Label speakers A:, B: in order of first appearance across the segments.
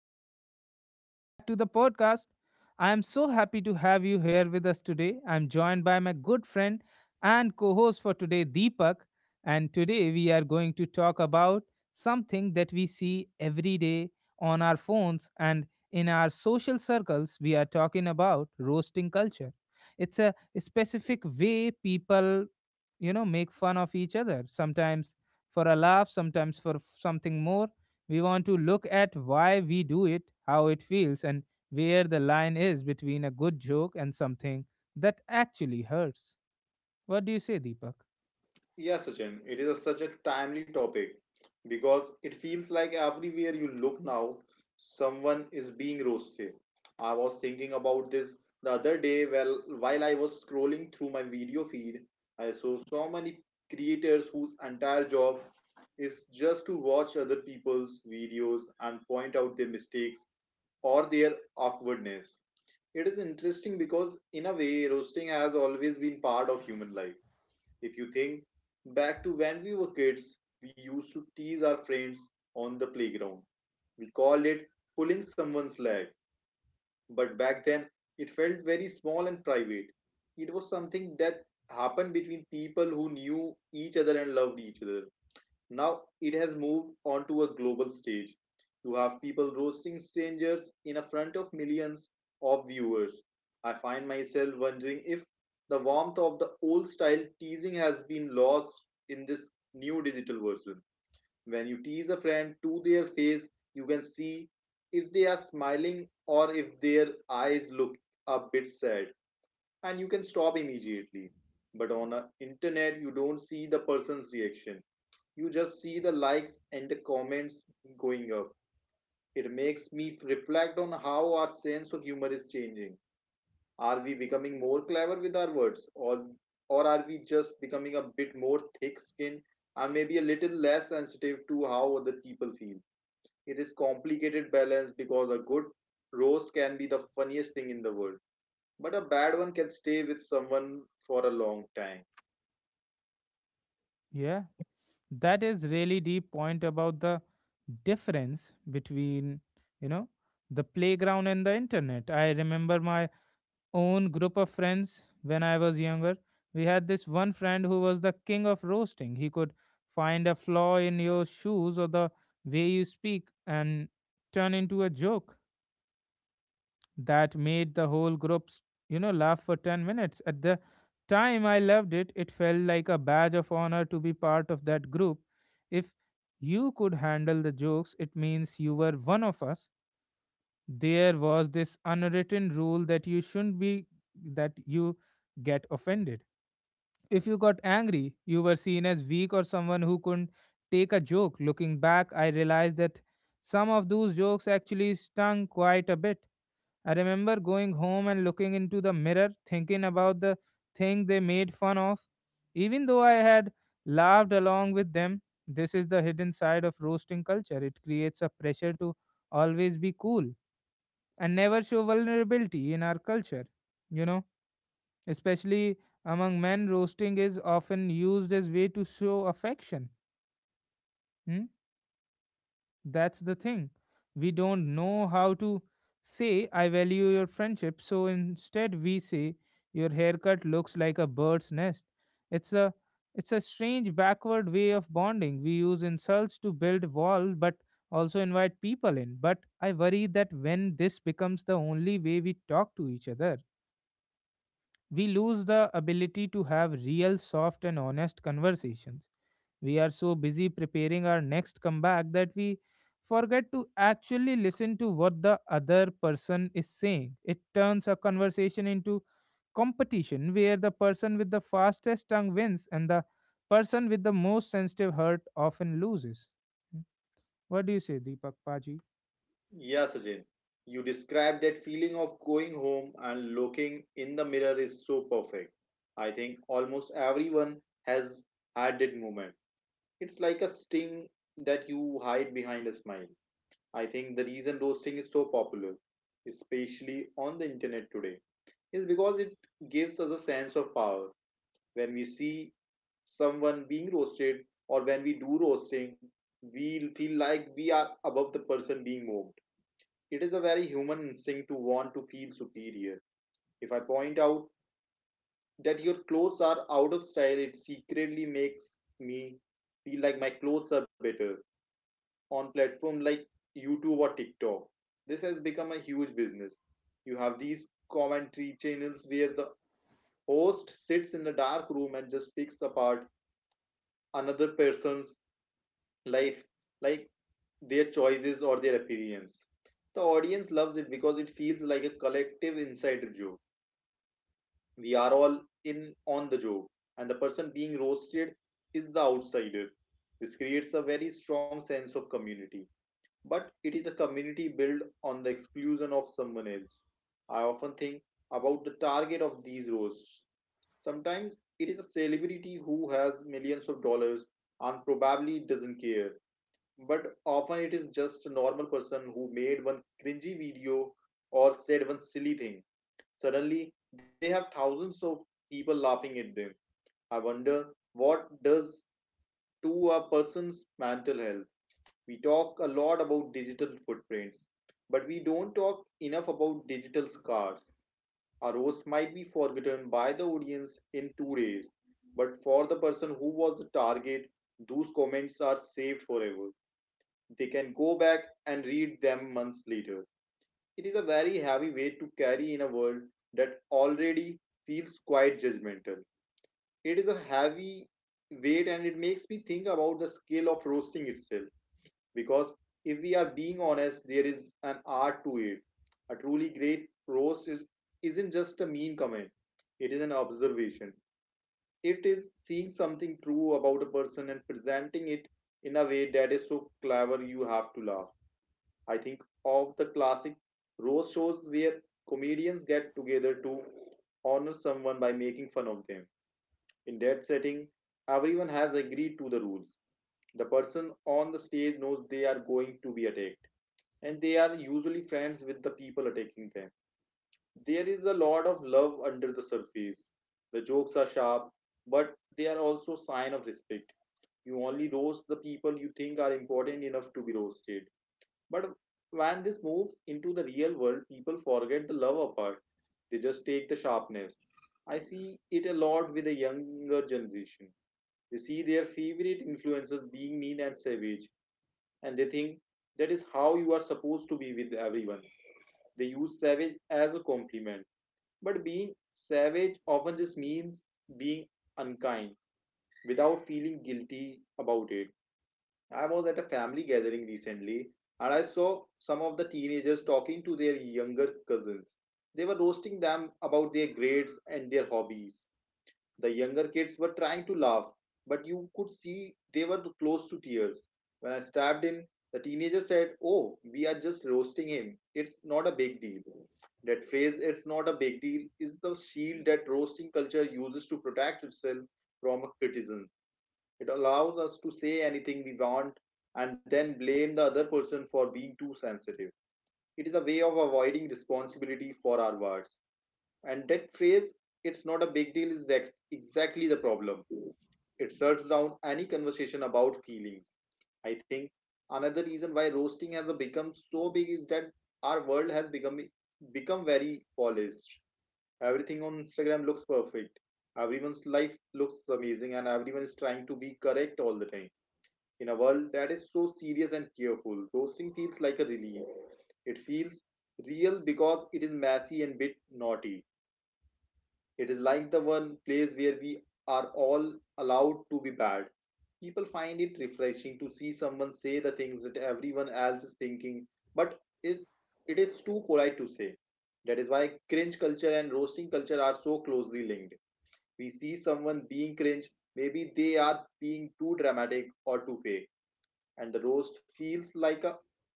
A: everyone. Welcome back to the podcast. I am so happy to have you here with us today. I'm joined by my good friend and co host for today, Deepak. And today we are going to talk about something that we see every day on our phones and in our social circles. We are talking about roasting culture. It's a specific way people, you know, make fun of each other. Sometimes for a laugh, sometimes for something more. We want to look at why we do it, how it feels, and where the line is between a good joke and something that actually hurts. What do you say, Deepak?
B: Yeah, Sachin, such a timely topic because it feels like everywhere you look now, someone is being roasted. I was thinking about this the other day, well, while I was scrolling through my video feed. I saw so many creators whose entire job is just to watch other people's videos and point out their mistakes or their awkwardness. It is interesting because, in a way, roasting has always been part of human life. If you think back to when we were kids, we used to tease our friends on the playground. We called it pulling someone's leg, but back then it felt very small and private. It was something that happened between people who knew each other and loved each other. Now it has moved onto a global stage. You have people roasting strangers in front of millions of viewers. I find myself wondering if the warmth of the old style teasing has been lost in this new digital version. When you tease a friend to their face, you can see if they are smiling or if their eyes look a bit sad, and you can stop immediately. But on the internet, you don't see the person's reaction, you just see the likes and the comments going up. It makes me reflect on how our sense of humor is changing. Are we becoming more clever with our words, or are we just becoming a bit more thick-skinned and maybe a little less sensitive to how other people feel? It is complicated balance because a good roast can be the funniest thing in the world, but a bad one can stay with someone for a long time.
A: Yeah, that is really deep point about the difference between, you know, the playground and the internet. I remember my own group of friends when I was younger. We had this one friend who was the king of roasting. He could find a flaw in your shoes or the way you speak and turn into a joke that made the whole group, you know, laugh for 10 minutes. At the time I loved it, it felt like a badge of honor to be part of that group. If you could handle the jokes, it means you were one of us. There was this unwritten rule that you shouldn't be that you get offended. If you got angry, you were seen as weak or someone who couldn't take a joke. Looking back, I realized that some of those jokes actually stung quite a bit. I remember going home and looking into the mirror, thinking about the thing they made fun of, even though I had laughed along with them. This is the hidden side of roasting culture. It creates a pressure to always be cool and never show vulnerability in our culture. You know, especially among men, roasting is often used as way to show affection. Hmm? That's the thing. We don't know how to say I value your friendship, so instead we say your haircut looks like a bird's nest. It's a it's a strange backward way of bonding. We use insults to build walls, but also invite people in. But I worry that when this becomes the only way we talk to each other, we lose the ability to have real, soft, and honest conversations. We are so busy preparing our next comeback that we forget to actually listen to what the other person is saying. It turns a conversation into competition where the person with the fastest tongue wins and the person with the most sensitive heart often loses. Hmm. What do you say, Deepak Paji?
B: Yeah, Sachin, you described that feeling of going home and looking in the mirror is so perfect. I think almost everyone has had that moment. It's like a sting that you hide behind a smile. I think the reason roasting is so popular, especially on the internet today, is because it gives us a sense of power. When we see someone being roasted or when we do roasting, we feel like we are above the person being mocked. It is a very human instinct to want to feel superior. If I point out that your clothes are out of style, it secretly makes me feel like my clothes are better. On platforms like YouTube or TikTok, this has become a huge business. You have these commentary channels where the host sits in the dark room and just picks apart another person's life, like their choices or their appearance. The audience loves it because it feels like a collective insider joke. We are all in on the job, and the person being roasted is the outsider. This creates a very strong sense of community, but it is a community built on the exclusion of someone else. I often think about the target of these roasts. Sometimes it is a celebrity who has millions of dollars and probably doesn't care, but often it is just a normal person who made one cringy video or said one silly thing. Suddenly, they have thousands of people laughing at them. I wonder what does to a person's mental health. We talk a lot about digital footprints, but we don't talk enough about digital scars. A roast might be forgotten by the audience in 2 days, but for the person who was the target, those comments are saved forever. They can go back and read them months later. It is a very heavy weight to carry in a world that already feels quite judgmental. It is a heavy weight, and it makes me think about the scale of roasting itself, because if we are being honest, there is an art to it. A truly great isn't just a mean comment, it is an observation. It is seeing something true about a person and presenting it in a way that is so clever you have to laugh. I think of the classic roast shows where comedians get together to honor someone by making fun of them. In that setting, everyone has agreed to the rules. The person on the stage knows they are going to be attacked, and they are usually friends with the people attacking them. There is a lot of love under the surface. The jokes are sharp, but they are also a sign of respect. You only roast the people you think are important enough to be roasted. But when this moves into the real world, people forget the lover part. They just take the sharpness. I see it a lot with the younger generation. They see their favorite influencers being mean and savage, and they think that is how you are supposed to be with everyone. They use savage as a compliment, but being savage often just means being unkind without feeling guilty about it. I was at a family gathering recently and I saw some of the teenagers talking to their younger cousins. They were roasting them about their grades and their hobbies. The younger kids were trying to laugh, but you could see they were close to tears. When I stepped in, the teenager said, "Oh, we are just roasting him. It's not a big deal." That phrase, it's not a big deal, is the shield that roasting culture uses to protect itself from criticism. It allows us to say anything we want and then blame the other person for being too sensitive. It is a way of avoiding responsibility for our words. And that phrase, it's not a big deal, is exactly the problem. It shuts down any conversation about feelings. I think another reason why roasting has become so big is that our world has become very polished. Everything on Instagram looks perfect. Everyone's life looks amazing, and everyone is trying to be correct all the time. In a world that is so serious and cheerful, roasting feels like a release. It feels real because it is messy and bit naughty. It is like the one place where we are all allowed to be bad. People find it refreshing to see someone say the things that everyone else is thinking, but it is too polite to say. That is why cringe culture and roasting culture are so closely linked. We see someone being cringe, maybe they are being too dramatic or too fake, and the roast feels like a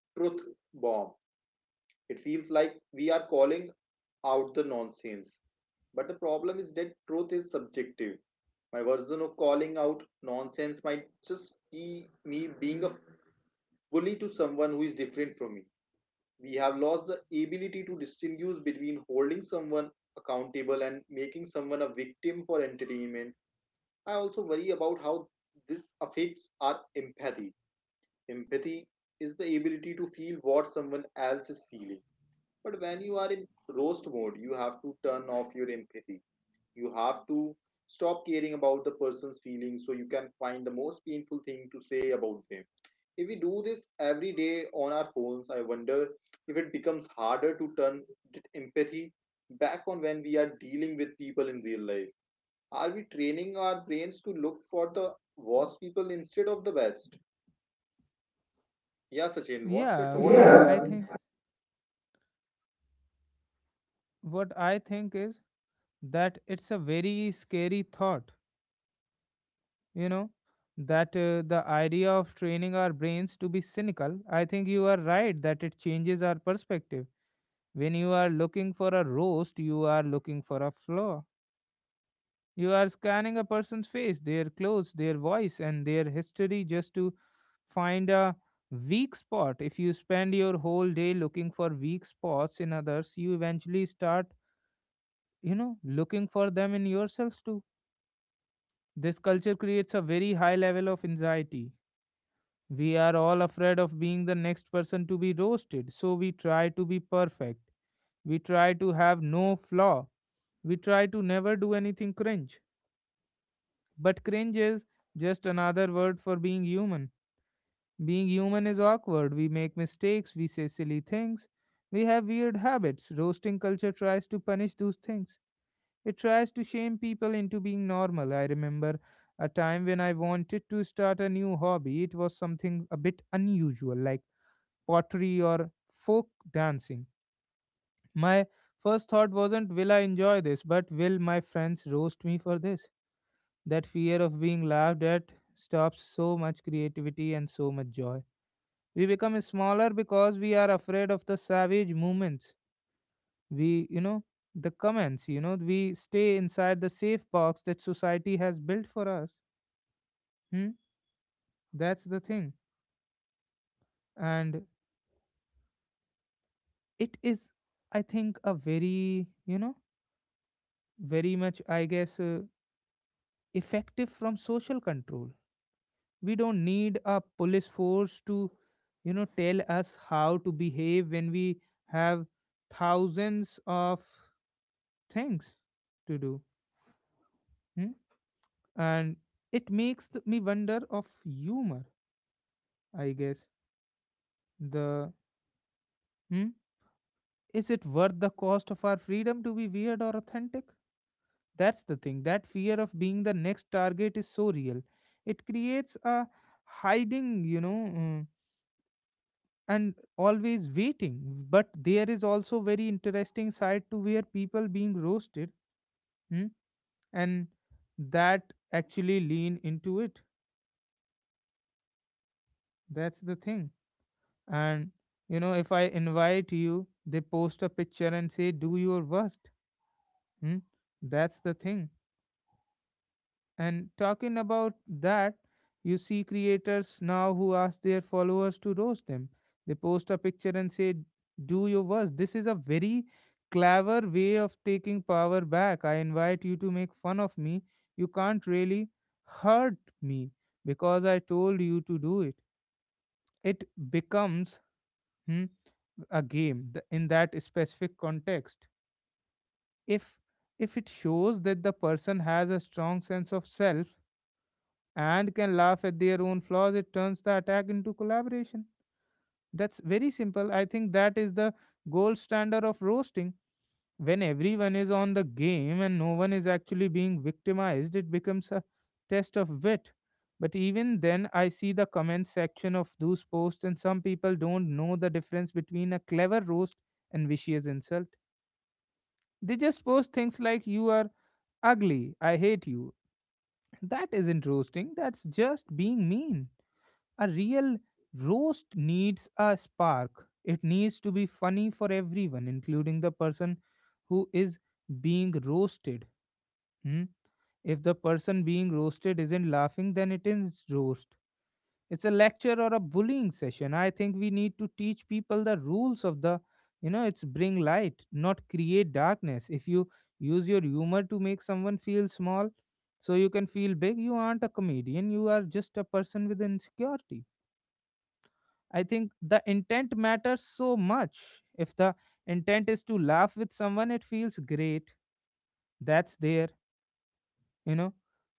B: truth bomb. It feels like we are calling out the nonsense. But the problem is that truth is subjective. My version of calling out nonsense might just be me being a bully to someone who is different from me. We have lost the ability to distinguish between holding someone accountable and making someone a victim for entertainment. I also worry about how this affects our empathy. Empathy is the ability to feel what someone else is feeling. But when you are in roast mode, you have to turn off your empathy. You have to stop caring about the person's feelings so you can find the most painful thing to say about them. If we do this every day on our phones, I wonder if it becomes harder to turn empathy back on when we are dealing with people in real life. Are we training our brains to look for the worst people instead of the best? Yeah, Sachin, what's your
A: Yeah,
B: thought?
A: I
B: Yeah.
A: think what I think is that it's a very scary thought, you know, that the idea of training our brains to be cynical. I think you are right that it changes our perspective. When you are looking for a roast, you are looking for a flaw. You are scanning a person's face, their clothes, their voice and their history just to find a weak spot. If you spend your whole day looking for weak spots in others, you eventually start, you know, looking for them in yourselves too. This culture creates a very high level of anxiety. We are all afraid of being the next person to be roasted, so we try to be perfect. We try to have no flaw. We try to never do anything cringe. But cringe is just another word for being human. Being human is awkward. We make mistakes, we say silly things, we have weird habits. Roasting culture tries to punish those things. It tries to shame people into being normal. I remember a time when I wanted to start a new hobby. It was something a bit unusual, like pottery, or folk dancing. My first thought wasn't, will I enjoy this, but will my friends roast me for this? That fear of being laughed at stops so much creativity and so much joy. We become smaller because we are afraid of the savage movements. We, you know, the comments, you know, we stay inside the safe box that society has built for us. Hmm? That's the thing. And it is, I think, a very, you know, very much, I guess, effective from social control. We don't need a police force to, you know, tell us how to behave when we have thousands of things to do. Hmm? And it makes me wonder of humor, I guess. The hmm? Is it worth the cost of our freedom to be weird or authentic? That's the thing. That fear of being the next target is so real. It creates a hiding, you know. uh, and always waiting, but there is also very interesting side to where people being roasted, hmm, and that actually lean into it. That's the thing. And, you know, if I invite you, they post a picture and say do your worst. Hmm? That's the thing. And talking about that, you see creators now who ask their followers to roast them. They post a picture and say, Do your worst. This is a very clever way of taking power back. I invite you to make fun of me. You can't really hurt me because I told you to do it. It becomes, hmm, a game in that specific context. If if it shows that the person has a strong sense of self and can laugh at their own flaws, it turns the attack into collaboration. That's very simple. I think that is the gold standard of roasting. When everyone is on the game and no one is actually being victimized, it becomes a test of wit. But even then, I see the comment section of those posts, and some people don't know the difference between a clever roast and vicious insult. They just post things like, You are ugly, I hate you. That isn't roasting, that's just being mean. A real roast needs a spark. It needs to be funny for everyone, including the person who is being roasted. Hmm? If the person being roasted isn't laughing, then it is roast. It's a lecture or a bullying session. I think we need to teach people the rules of the, you know, it's bring light, not create darkness. If you use your humor to make someone feel small so you can feel big, you aren't a comedian, you are just a person with insecurity. I think the intent matters so much. If the intent is to laugh with someone, it feels great. That's there, you know.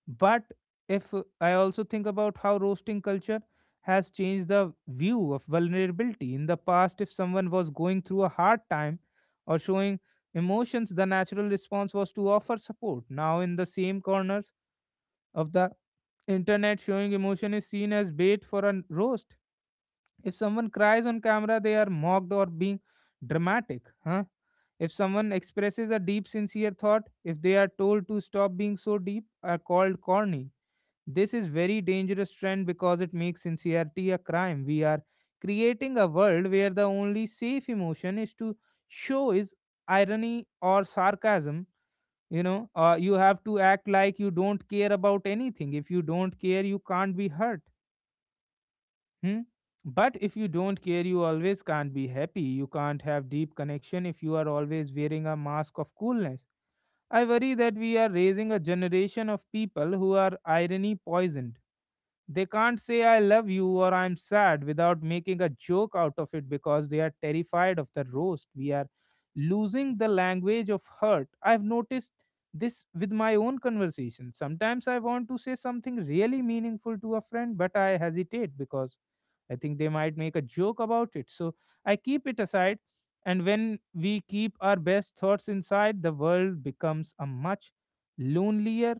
A: But if I also think about how roasting culture has changed the view of vulnerability. In the past, if someone was going through a hard time or showing emotions, the natural response was to offer support. Now, in the same corners of the internet, showing emotion is seen as bait for a roast. If someone cries on camera, they are mocked or being dramatic, huh? If someone expresses a deep, sincere thought, if they are told to stop being so deep, are called corny. This is very dangerous trend because it makes sincerity a crime. We are creating a world where the only safe emotion is to show is irony or sarcasm. You know, you have to act like you don't care about anything. If you don't care, you can't be hurt. Hmm? But if you don't care, you always can't be happy. You can't have deep connection if you are always wearing a mask of coolness. I worry that we are raising a generation of people who are irony poisoned. They can't say I love you or I'm sad without making a joke out of it because they are terrified of the roast. We are losing the language of hurt. I've noticed this with my own conversation. Sometimes I want to say something really meaningful to a friend, but I hesitate because I think they might make a joke about it. So I keep it aside. And when we keep our best thoughts inside, the world becomes a much lonelier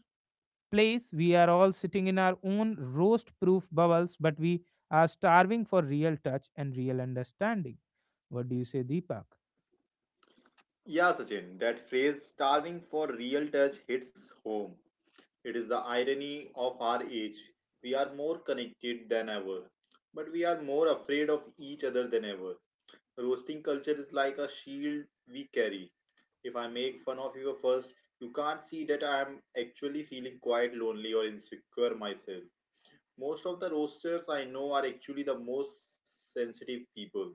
A: place. We are all sitting in our own roast proof bubbles, but we are starving for real touch and real understanding. What do you say, Deepak?
B: Yeah, Sachin, that phrase starving for real touch hits home. It is the irony of our age. We are more connected than ever, but we are more afraid of each other than ever. Roasting culture is like a shield we carry. If I make fun of you first, you can't see that I am actually feeling quite lonely or insecure myself. Most of the roasters I know are actually the most sensitive people.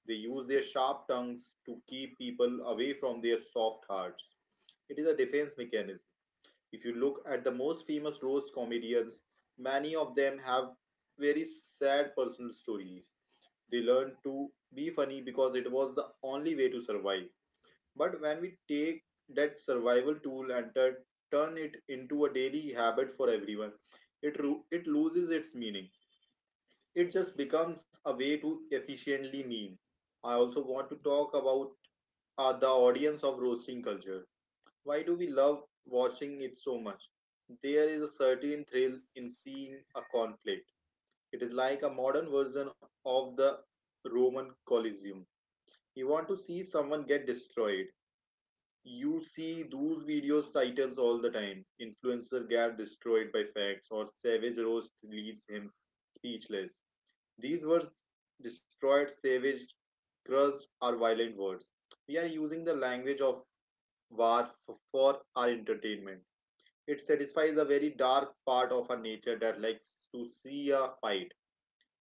B: They use their sharp tongues to keep people away from their soft hearts. It is a defense mechanism. If you look at the most famous roast comedians, many of them have very sad personal stories. They learned to be funny because it was the only way to survive. But when we take that survival tool and turn it into a daily habit for everyone, it loses its meaning. It just becomes a way to efficiently meme. I also want to talk about the audience of roasting culture. Why do we love watching it so much? There is a certain thrill in seeing a conflict. It is like a modern version of the Roman Colosseum. You want to see someone get destroyed. You see those videos titles all the time. Influencer get destroyed by facts or savage roast leaves him speechless. These words destroyed, savaged, crushed are violent words. We are using the language of war for our entertainment. It satisfies a very dark part of our nature that likes to see a fight.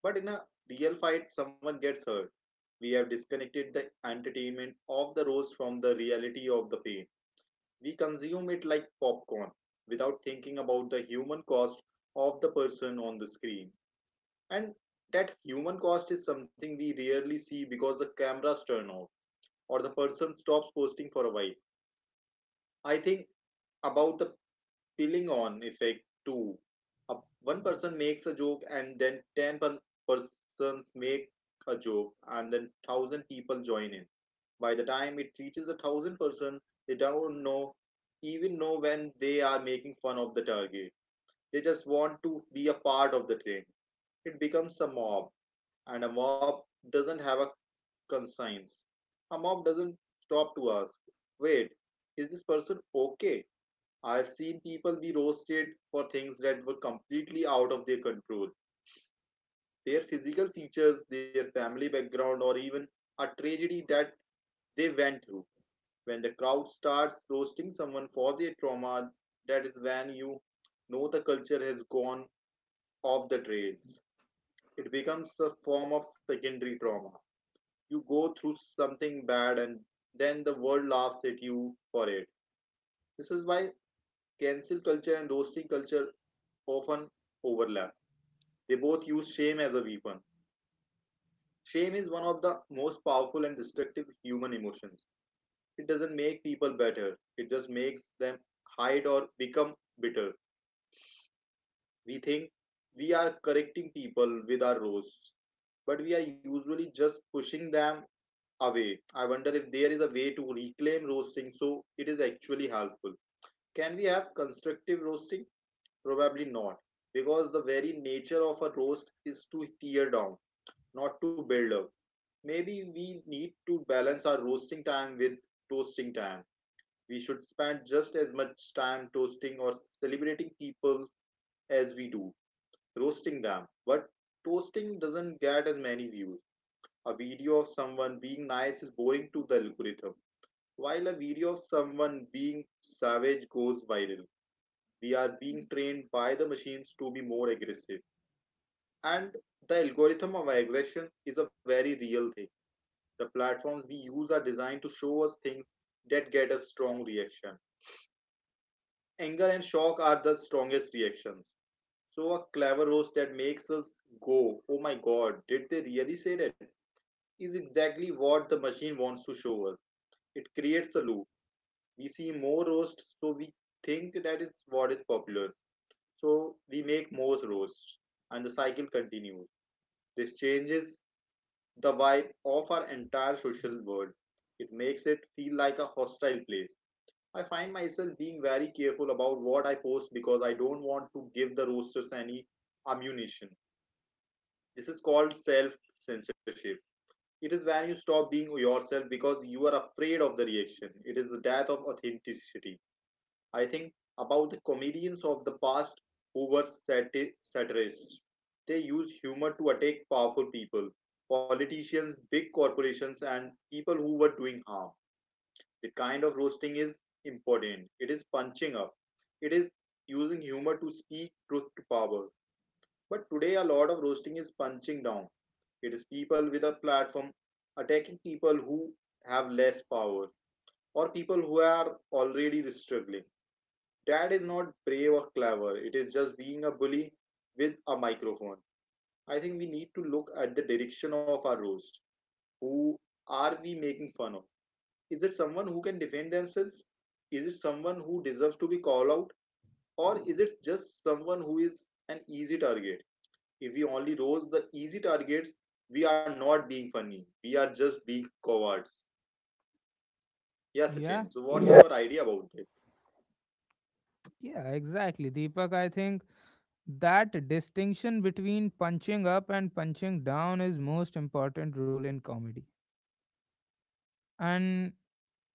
B: But in a real fight, someone gets hurt. We have disconnected the entertainment of the roast from the reality of the pain. We consume it like popcorn without thinking about the human cost of the person on the screen. And that human cost is something we rarely see because the cameras turn off or the person stops posting for a while. I think about the piling on effect too. Uh, One person makes a joke and then persons make a joke and then 1,000 people join in. By the time it reaches a 1,000th person, they don't know even know when they are making fun of the target. They just want to be a part of the trend. It becomes a mob, and a mob doesn't have a conscience. A mob doesn't stop to ask, wait, is this person okay? I've seen people be roasted for things that were completely out of their control: their physical features, their family background, or even a tragedy that they went through. When the crowd starts roasting someone for their trauma, that is when you know the culture has gone off the trails. It becomes a form of secondary trauma. You go through something bad and then the world laughs at you for it. This is why cancel culture and roasting culture often overlap. They both use shame as a weapon. Shame is one of the most powerful and destructive human emotions. It doesn't make people better, it just makes them hide or become bitter. We think we are correcting people with our roasts, but we are usually just pushing them away. I wonder if there is a way to reclaim roasting so it is actually helpful. Can we have constructive roasting? Probably not, because the very nature of a roast is to tear down, not to build up. Maybe we need to balance our roasting time with toasting time. We should spend just as much time toasting or celebrating people as we do roasting them, but toasting doesn't get as many views. A video of someone being nice is boring to the algorithm. While a video of someone being savage goes viral, we are being trained by the machines to be more aggressive. And the algorithm of aggression is a very real thing. The platforms we use are designed to show us things that get a strong reaction. Anger and shock are the strongest reactions. So, a clever roast that makes us go, "Oh my god, did they really say that?" is exactly what the machine wants to show us. It creates a loop. We see more roasts, so we think that is what is popular. So we make more roasts, and the cycle continues. This changes the vibe of our entire social world. It makes it feel like a hostile place. I find myself being very careful about what I post because I don't want to give the roasters any ammunition. This is called self censorship. It is when you stop being yourself because you are afraid of the reaction. It is the death of authenticity. I think about the comedians of the past who were satirists. They used humor to attack powerful people, politicians, big corporations, and people who were doing harm. The kind of roasting is important. It is punching up. It is using humor to speak truth to power. But today, a lot of roasting is punching down. It is people with a platform attacking people who have less power or people who are already struggling. Dad is not brave or clever. It is just being a bully with a microphone. I think we need to look at the direction of our roast. Who are we making fun of? Is it someone who can defend themselves? Is it someone who deserves to be called out? Or is it just someone who is an easy target? If we only roast the easy targets, we are not being funny. We are just being cowards. Yeah,
A: Yeah,
B: Sachin. So, what's your idea about it?
A: yeah, exactly. Deepak, I think that distinction between punching up and punching down is most important rule in comedy. And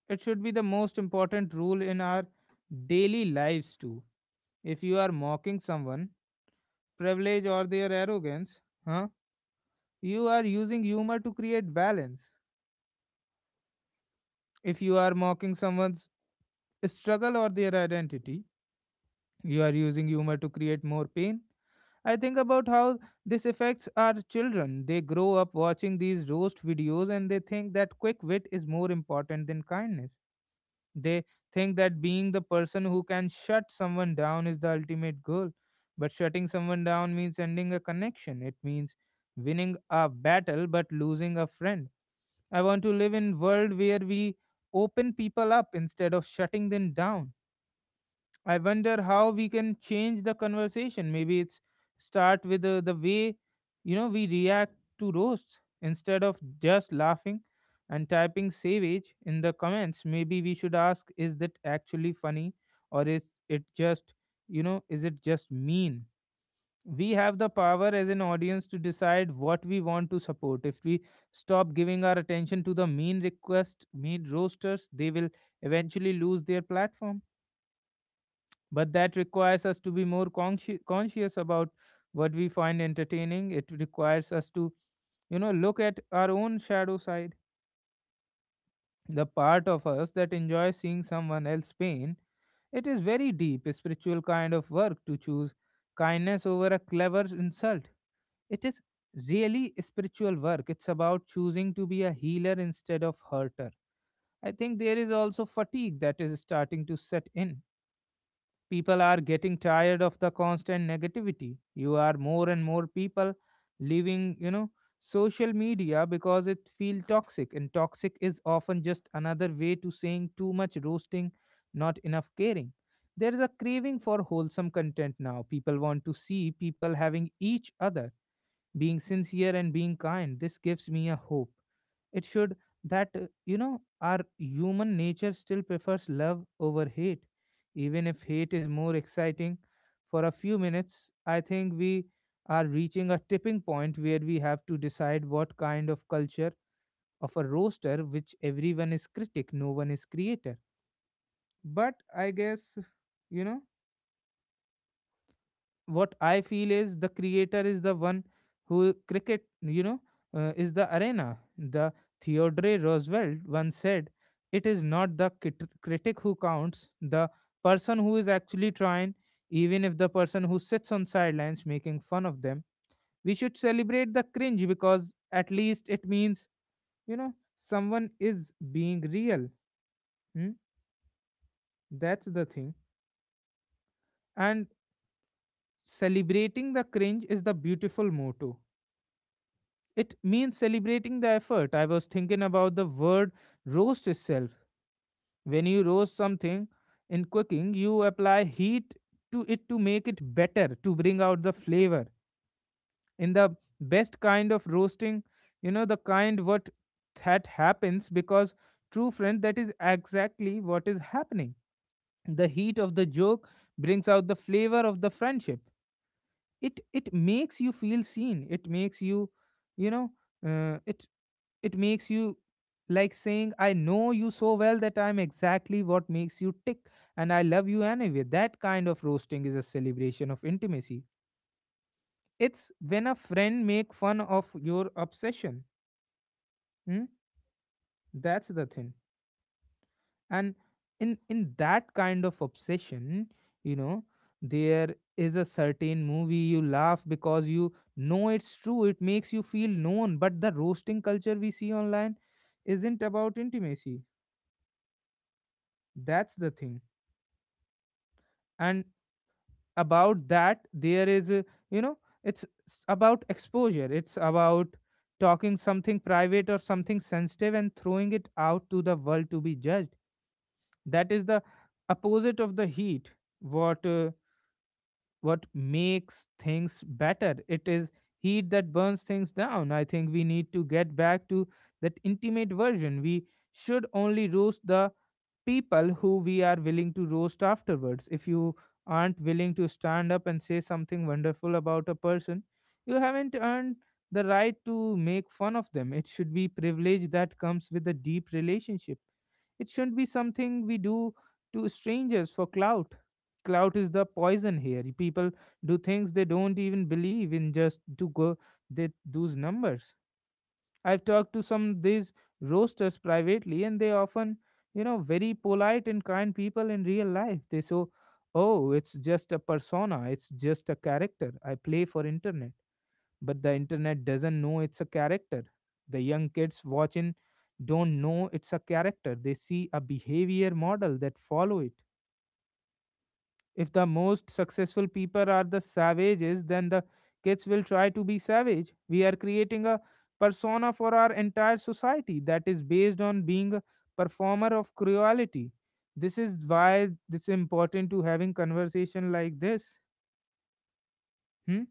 A: it should be the most important rule in our daily lives too. If you are mocking someone, privilege or their arrogance, huh? You are using humor to create balance. If you are mocking someone's struggle or their identity, you are using humor to create more pain. I think about how this affects our children. They grow up watching these roast videos and they think that quick wit is more important than kindness. They think that being the person who can shut someone down is the ultimate goal. But shutting someone down means ending a connection. It means winning a battle but losing a friend. I want to live in world where we open people up instead of shutting them down. I wonder how we can change the conversation. Maybe it's start with the way we react to roasts instead of just laughing and typing savage in the comments. Maybe we should ask, is that actually funny or is it just is it just mean? We have the power as an audience to decide what we want to support. If we stop giving our attention to the mean request mean roasters, they will eventually lose their platform. But that requires us to be more conscious about what we find entertaining. It requires us to look at our own shadow side, the part of us that enjoys seeing someone else pain. It is very deep spiritual kind of work to choose kindness over a clever insult. It is really spiritual work. It's about choosing to be a healer instead of hurter. I think there is also fatigue that is starting to set in. People are getting tired of the constant negativity. You are more and more people leaving, social media because it feels toxic. And toxic is often just another way to saying too much roasting, not enough caring. There is a craving for wholesome content now. People want to see people having each other, being sincere and being kind. This gives me a hope. It should, that our human nature still prefers love over hate, even if hate is more exciting for a few minutes. I think we are reaching a tipping point where we have to decide what kind of culture, of a roaster which everyone is critic, no one is creator. But I guess, you know what I feel is the creator is the one who cricket, is the arena. The Theodore Roosevelt once said, "It is not the critic who counts, the person who is actually trying, even if the person who sits on sidelines making fun of them." We should celebrate the cringe because at least it means, someone is being real. Hmm? That's the thing. And celebrating the cringe is the beautiful motto. It means celebrating the effort. I was thinking about the word roast itself. When you roast something in cooking, you apply heat to it to make it better, to bring out the flavor. In the best kind of roasting, the kind what that happens because true friend, that is exactly what is happening. The heat of the joke brings out the flavor of the friendship. It makes you feel seen. It makes you you know uh, it it makes you, like saying, I know you so well that I'm exactly what makes you tick and I love you anyway. That kind of roasting is a celebration of intimacy. It's when a friend make fun of your obsession. Hmm? That's the thing. And in that kind of obsession, you know there is a certain movie you laugh because you know it's true. It makes you feel known. But the roasting culture we see online isn't about intimacy. That's the thing. And about that, there is a, you know it's about exposure. It's about talking something private or something sensitive and throwing it out to the world to be judged. That is the opposite of the heat, what uh, what makes things better. It is heat that burns things down. I think we need to get back to that intimate version. We should only roast the people who we are willing to roast afterwards. If you aren't willing to stand up and say something wonderful about a person, you haven't earned the right to make fun of them. It should be privilege that comes with a deep relationship. It shouldn't be something we do to strangers for clout. Clout is the poison here. People do things they don't even believe in just to go they, those numbers. I've talked to some these roasters privately, and they often, very polite and kind people in real life. They so, oh, it's just a persona. It's just a character I play for internet, but the internet doesn't know it's a character. The young kids watching don't know it's a character. They see a behavior model that follow it. If the most successful people are the savages, then the kids will try to be savage. We are creating a persona for our entire society that is based on being a performer of cruelty. This is why it's important to having conversation like this. Hmm?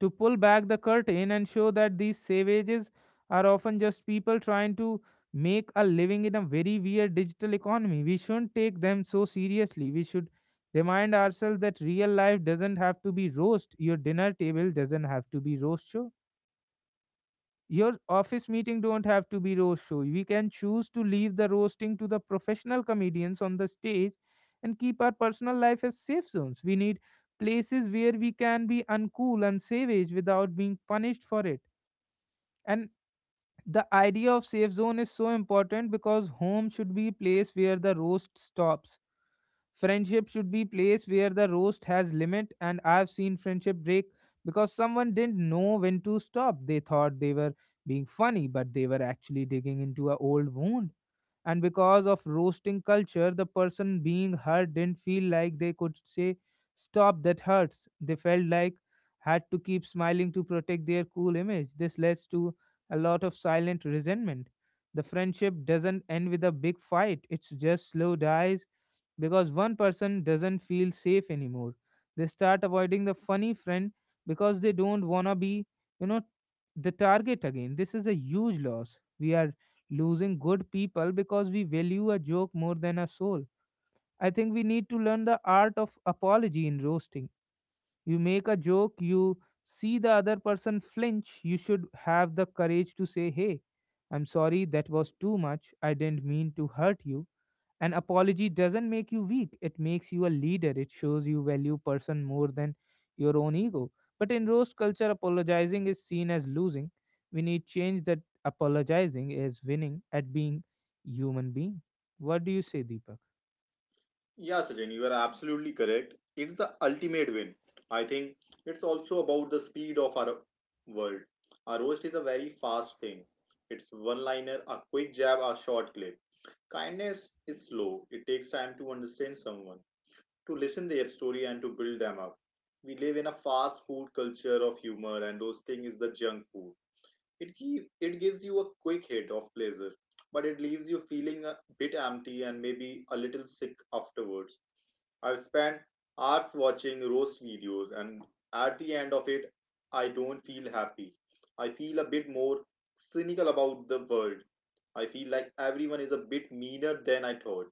A: To pull back the curtain and show that these savages are often just people trying to make a living in a very weird digital economy. We shouldn't take them so seriously. We should remind ourselves that real life doesn't have to be roast. Your dinner table doesn't have to be roast show. Your office meeting don't have to be roast show. We can choose to leave the roasting to the professional comedians on the stage and keep our personal life as safe zones. We need places where we can be uncool and savage without being punished for it. And the idea of safe zone is so important because home should be a place where the roast stops. Friendship should be place where the roast has limit. And I've seen friendship break because someone didn't know when to stop. They thought they were being funny, but they were actually digging into a old wound. And because of roasting culture, the person being hurt didn't feel like they could say stop, that hurts. They felt like had to keep smiling to protect their cool image. This leads to a lot of silent resentment. The friendship doesn't end with a big fight. It's just slow dies because one person doesn't feel safe anymore. They start avoiding the funny friend because they don't wanna be you know the target again. This is a huge loss. We are losing good people because we value a joke more than a soul. I think we need to learn the art of apology in roasting. You make a joke, you see the other person flinch, you should have the courage to say, "Hey, I'm sorry, that was too much. I didn't mean to hurt you." An apology doesn't make you weak, it makes you a leader. It shows you value person more than your own ego. But in roast culture, apologizing is seen as losing. We need change that. Apologizing is winning at being human being. What do you say, Deepak?
B: Yeah, Sachin, you are absolutely correct. It's the ultimate win. I think it's also about the speed of our world. A roast is a very fast thing. It's one liner, a quick jab, a short clip. Kindness is slow. It takes time to understand someone, to listen their story, and to build them up. We live in a fast food culture of humor, and roasting is the junk food. It gives you a quick hit of pleasure, but it leaves you feeling a bit empty and maybe a little sick afterwards. I've spent hours watching roast videos, and at the end of it, I don't feel happy. I feel a bit more cynical about the world. I feel like everyone is a bit meaner than I thought.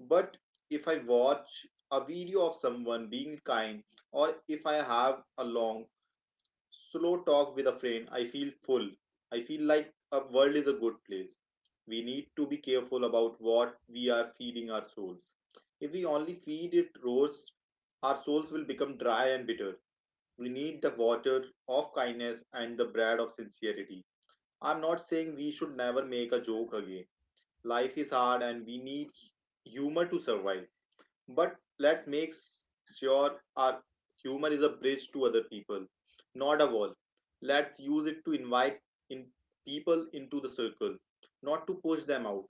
B: But if I watch a video of someone being kind, or if I have a long, slow talk with a friend, I feel full. I feel like a world is a good place. We need to be careful about what we are feeding our souls. If we only feed it roars, our souls will become dry and bitter. We need the water of kindness and the bread of sincerity. I'm not saying we should never make a joke again. Life is hard and we need humor to survive. But let's make sure our humor is a bridge to other people, not a wall. Let's use it to invite in people into the circle, not to push them out.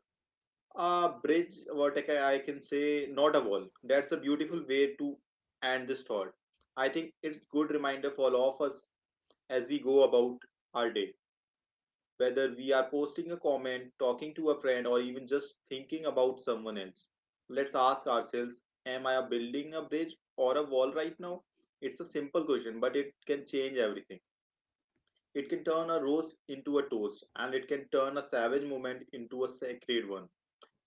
B: A bridge, I can say, not a wall. That's a beautiful way to end this thought. I think it's good reminder for all of us as we go about our day, whether we are posting a comment, talking to a friend, or even just thinking about someone else. Let's ask ourselves, am I building a bridge or a wall right now? It's a simple question, but it can change everything. It can turn a rose into a toast, and it can turn a savage moment into a sacred one.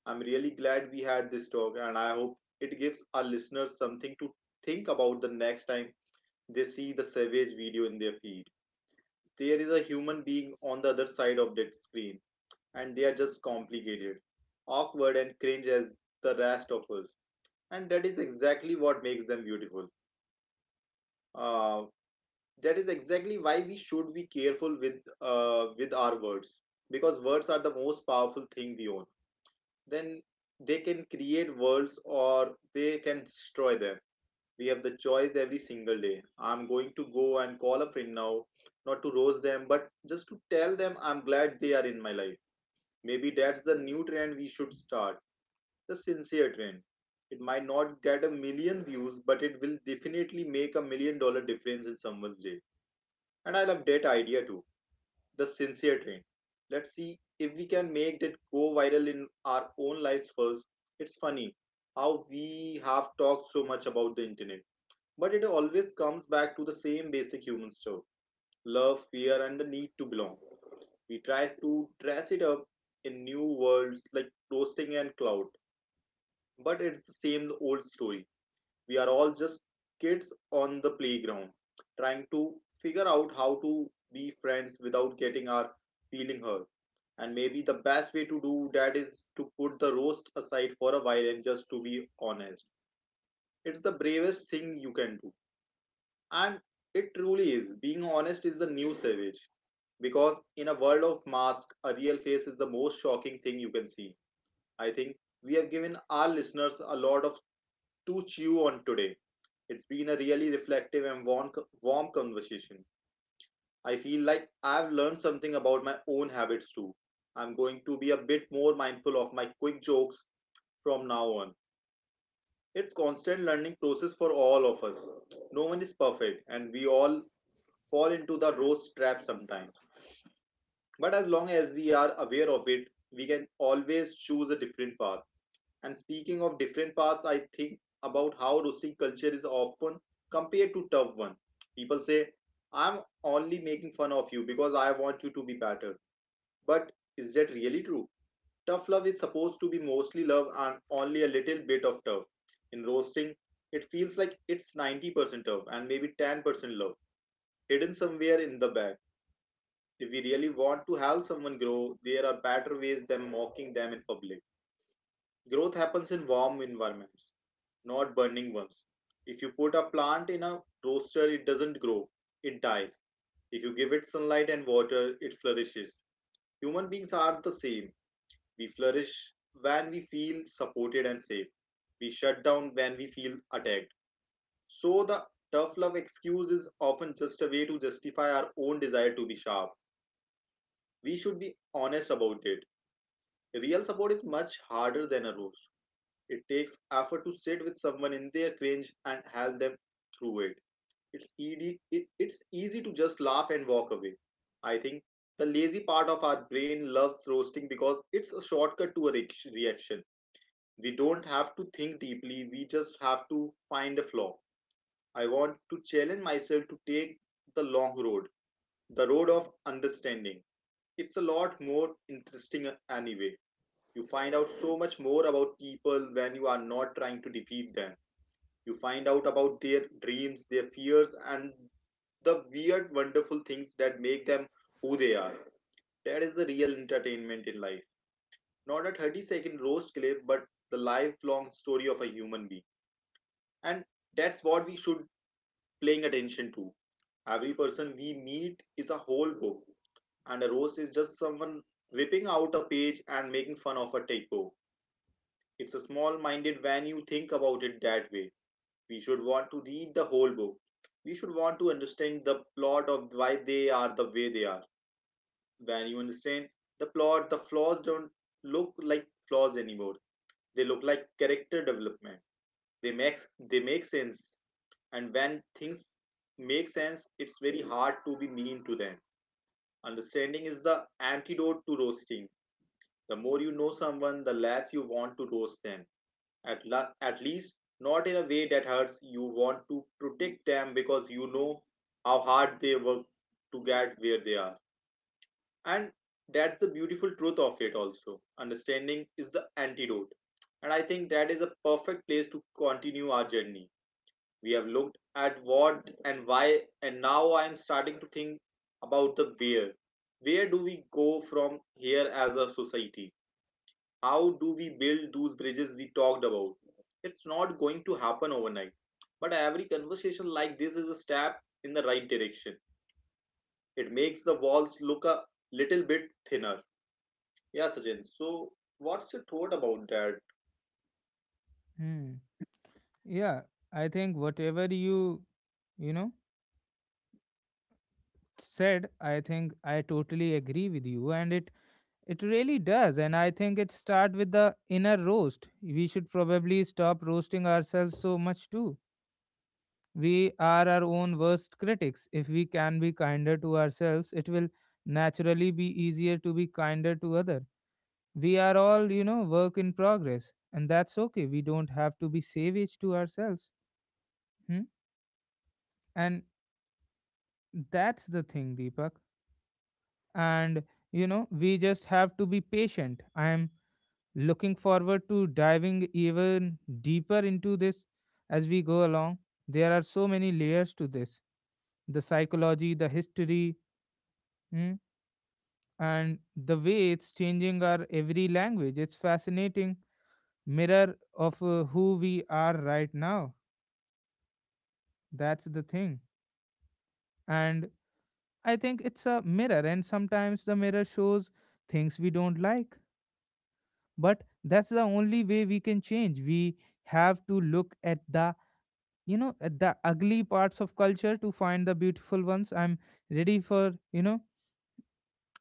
B: I'm really glad we had this talk, and I hope it gives our listeners something to think about the next time they see the savage video in their feed. There is a human being on the other side of that screen, and they are just complicated, awkward, and cringe as the rest of us. And that is exactly what makes them beautiful. Uh, that is exactly why we should be careful with our words, because words are the most powerful thing we own. Then they can create worlds or they can destroy them. We have the choice every single day. I'm going to go and call a friend now, not to roast them, but just to tell them I'm glad they are in my life. Maybe that's the new trend we should start: the sincere trend. It might not get a million views, but it will definitely make a million dollar difference in someone's day. And I love that idea too, the sincere train. Let's see if we can make that go viral in our own lives first. It's funny how we have talked so much about the internet, but it always comes back to the same basic human stuff: love, fear, and the need to belong. We try to dress it up in new worlds like roasting and cloud, but it's the same old story. We are all just kids on the playground trying to figure out how to be friends without getting our feeling hurt. And maybe the best way to do that is to put the roast aside for a while and just to be honest. It's the bravest thing you can do. And it truly is. Being honest is the new savage, because in a world of masks a real face is the most shocking thing you can see. I think we have given our listeners a lot of to chew on today. It's been a really reflective and warm conversation. I feel like I've learned something about my own habits too. I'm going to be a bit more mindful of my quick jokes from now on. It's constant learning process for all of us. No one is perfect and we all fall into the roast trap sometimes. But as long as we are aware of it, we can always choose a different path. And speaking of different paths, I think about how roasting culture is often compared to tough one. People say, I'm only making fun of you because I want you to be better. But is that really true? Tough love is supposed to be mostly love and only a little bit of tough. In roasting, it feels like it's 90% tough and maybe 10% love, hidden somewhere in the back. If we really want to help someone grow, there are better ways than mocking them in public. Growth happens in warm environments, not burning ones. If you put a plant in a roaster, it doesn't grow, it dies. If you give it sunlight and water, it flourishes. Human beings are the same. We flourish when we feel supported and safe. We shut down when we feel attacked. So the tough love excuse is often just a way to justify our own desire to be sharp. We should be honest about it. Real support is much harder than a roast. It takes effort to sit with someone in their cringe and help them through it. It's easy to just laugh and walk away. I think the lazy part of our brain loves roasting because it's a shortcut to a reaction. We don't have to think deeply, we just have to find a flaw. I want to challenge myself to take the long road, the road of understanding. It's a lot more interesting. Anyway, you find out so much more about people when you are not trying to defeat them. You find out about their dreams, their fears, and the weird, wonderful things that make them who they are. That is the real entertainment in life. Not a 30-second roast clip, but the lifelong story of a human being. And that's what we should paying attention to. Every person we meet is a whole book, and a roast is just someone ripping out a page and making fun of a typo. It's a small minded when you think about it that way. We should want to read the whole book. We should want to understand the plot of why they are the way they are. When you understand the plot, the flaws don't look like flaws anymore. They look like character development. They make they make sense, and when things make sense, it's very hard to be mean to them. Understanding is the antidote to roasting. The more you know someone, the less you want to roast them. At least not in a way that hurts. You want to protect them because you know how hard they work to get where they are, and that's the beautiful truth of it. Also, understanding is the antidote, and I think that is a perfect place to continue our journey. We have looked at what and why, and now I am starting to think about the where. Where do we go from here as a society? How do we build those bridges we talked about? It's not going to happen overnight, but every conversation like this is a step in the right direction. It makes the walls look a little bit thinner. Yeah, Sachin. So, what's your thought about that?
A: Hmm. Yeah, I think whatever you you know said, I think I totally agree with you, and it really does. And I think it start with the inner roast. We should probably stop roasting ourselves so much too. We are our own worst critics. If we can be kinder to ourselves, it will naturally be easier to be kinder to other. We are all, work in progress, and that's okay. We don't have to be savage to ourselves. Hmm? And that's the thing, Deepak. And we just have to be patient. I am looking forward to diving even deeper into this as we go along. There are so many layers to this: the psychology, the history, Hmm. and the way it's changing our every language. It's fascinating mirror of who we are right now. That's the thing. And I think it's a mirror, and sometimes the mirror shows things we don't like. But that's the only way we can change. We have to look at the at the ugly parts of culture to find the beautiful ones. I'm ready for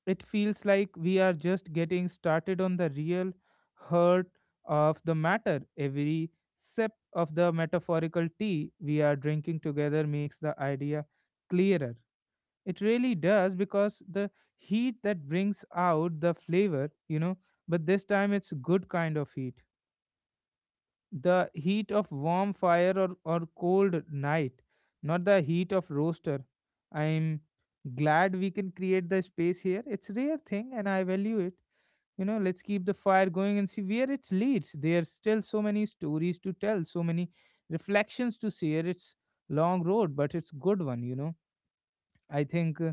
A: it feels like we are just getting started on the real heart of the matter. Every sip of the metaphorical tea we are drinking together makes the idea clearer. It really does because the heat that brings out the flavor, but this time it's good kind of heat, the heat of warm fire or cold night, not the heat of roaster. I'm glad we can create the space here. It's rare thing and I value it. You know, let's keep the fire going and see where it leads. There's still so many stories to tell, so many reflections to share. It's long road, but it's good one, you know. I think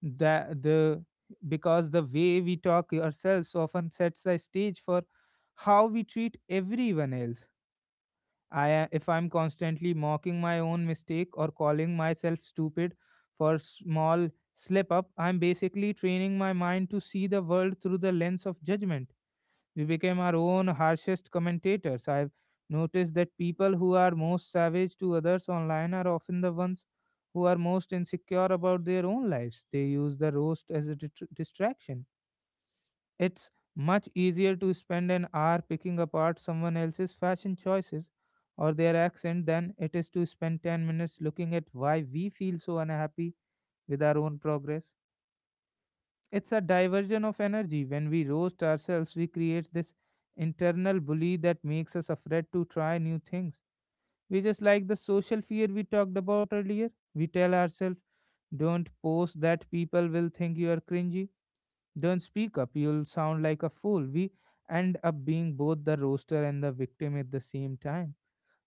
A: that the, because the way we talk ourselves often sets the stage for how we treat everyone else. If I'm constantly mocking my own mistake or calling myself stupid for small slip up, I'm basically training my mind to see the world through the lens of judgment. We became our own harshest commentators. I've noticed that people who are most savage to others online are often the ones who are most insecure about their own lives. They use the roast as a distraction. It's much easier to spend an hour picking apart someone else's fashion choices or their accent than it is to spend 10 minutes looking at why we feel so unhappy with our own progress. It's a diversion of energy. When we roast ourselves, we create this internal bully that makes us afraid to try new things. We just like the social fear we talked about earlier. We tell ourselves, don't post, that people will think you are cringy, don't speak up, you'll sound like a fool. We end up being both the roaster and the victim at the same time.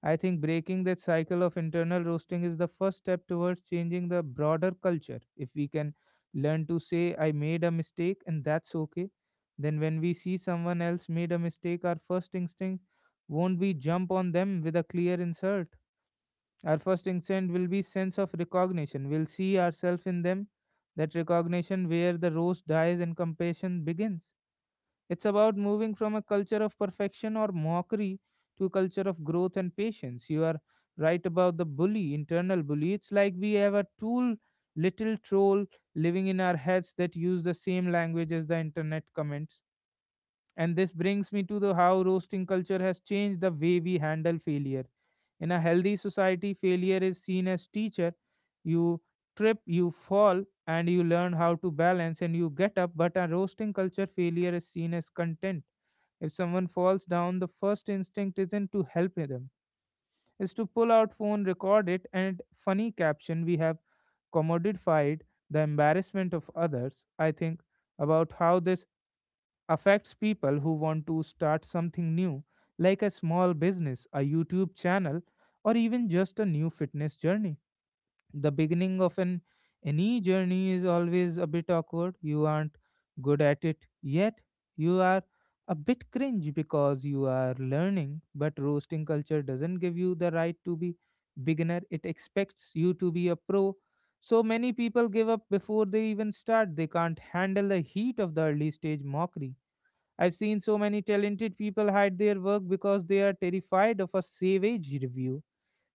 A: I think breaking that cycle of internal roasting is the first step towards changing the broader culture. If we can learn to say, I made a mistake and that's okay, then when we see someone else made a mistake, our first instinct won't be jump on them with a clear insult. Our first instinct will be sense of recognition. We'll see ourselves in them, that recognition where the roast dies and compassion begins. It's about moving from a culture of perfection or mockery to a culture of growth and patience. You are right about the bully, internal bully. It's like we have a tool, little troll living in our heads that use the same language as the internet comments, and this brings me to the how roasting culture has changed the way we handle failure. In a healthy society, failure is seen as teacher. You trip, you fall, and you learn how to balance and you get up. But a roasting culture, failure is seen as content. If someone falls down, the first instinct isn't to help them. It's to pull out phone, record it, and funny caption. We have commodified the embarrassment of others. I think about how this affects people who want to start something new, like a small business, a YouTube channel, or even just a new fitness journey. The beginning of an any journey is always a bit awkward. You aren't good at it yet. You are a bit cringe because you are learning, but roasting culture doesn't give you the right to be beginner. It expects you to be a pro. So many people give up before they even start. They can't handle the heat of the early stage mockery. I've seen so many talented people hide their work because they are terrified of a savage review.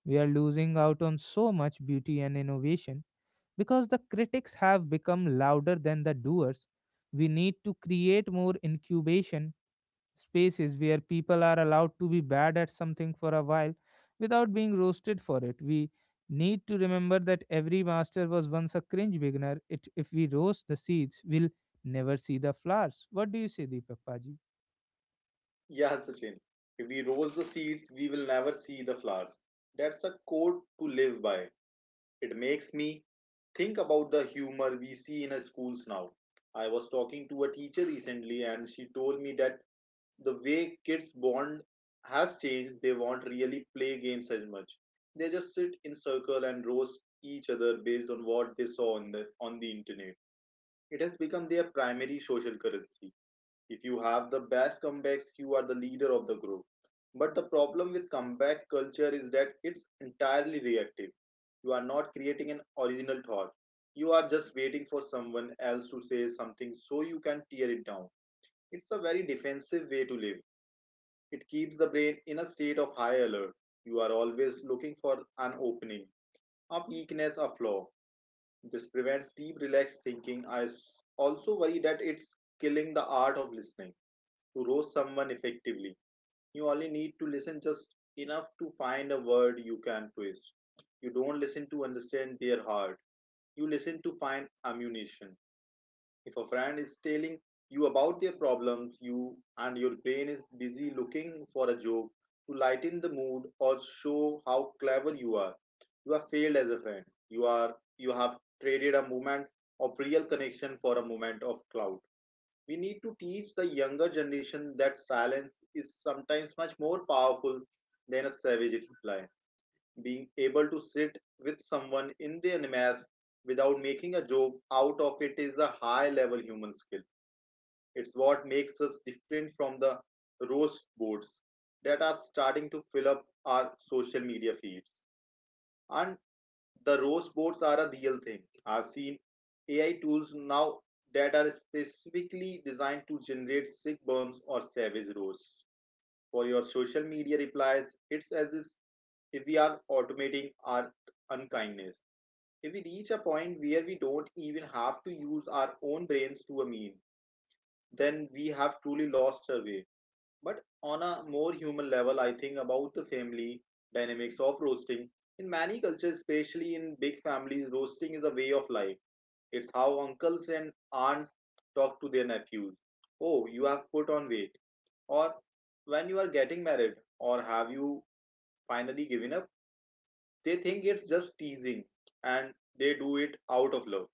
A: We are losing out on so much beauty and innovation because the critics have become louder than the doers. We need to create more incubation spaces where people are allowed to be bad at something for a while without being roasted for it. We need to remember that every master was once a cringe beginner. It, if we roast the seeds, we'll never see the flowers. What do you say, Deepak Paji?
B: Yeah, Sachin. If we roast the seeds, we will never see the flowers. That's a quote to live by. It makes me think about the humor we see in our schools now. I was talking to a teacher recently, and she told me that the way kids bond has changed. They won't really play games as much. They just sit in circle and roast each other based on what they saw on the internet. It has become their primary social currency. If you have the best comebacks, you are the leader of the group. But the problem with comeback culture is that it's entirely reactive. You are not creating an original thought. You are just waiting for someone else to say something so you can tear it down. It's a very defensive way to live. It keeps the brain in a state of high alert. You are always looking for an opening, a weakness, a flaw. This prevents deep, relaxed thinking. I also worry that it's killing the art of listening. To roast someone effectively, you only need to listen just enough to find a word you can twist. You don't listen to understand their heart. You listen to find ammunition. If a friend is telling you about their problems, your brain is busy looking for a joke to lighten the mood or show how clever you are. You have failed as a friend. You have traded a moment of real connection for a moment of clout. We need to teach the younger generation that silence is sometimes much more powerful than a savage reply. Being able to sit with someone in their mess without making a joke out of it is a high level human skill. It's what makes us different from the roast boards that are starting to fill up our social media feeds. And the rose boards are a real thing. I've seen AI tools now that are specifically designed to generate sick burns or savage roasts for your social media replies. It's as if we are automating our unkindness. If we reach a point where we don't even have to use our own brains to a meme, then we have truly lost our way. But on a more human level, I think about the family dynamics of roasting. In many cultures, especially in big families, roasting is a way of life. It's how uncles and aunts talk to their nephews. Oh, you have put on weight. Or when you are getting married, or have you finally given up? They think it's just teasing, and they do it out of love.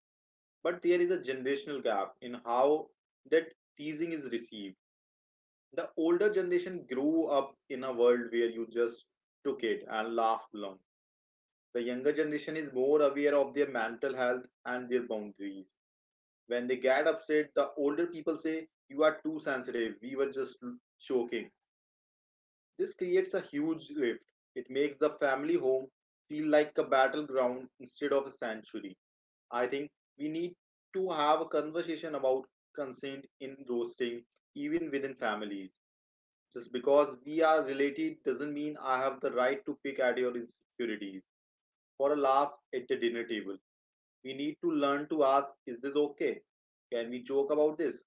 B: But there is a generational gap in how that teasing is received. The older generation grew up in a world where you just took it and laughed along. The younger generation is more aware of their mental health and their boundaries. When they get upset, the older people say, you are too sensitive, we were just joking. This creates a huge rift. It makes the family home feel like a battleground instead of a sanctuary. I think we need to have a conversation about consent in roasting, even within families. Just because we are related doesn't mean I have the right to pick at your insecurities for a laugh at the dinner table. We need to learn to ask, is this okay? Can we joke about this?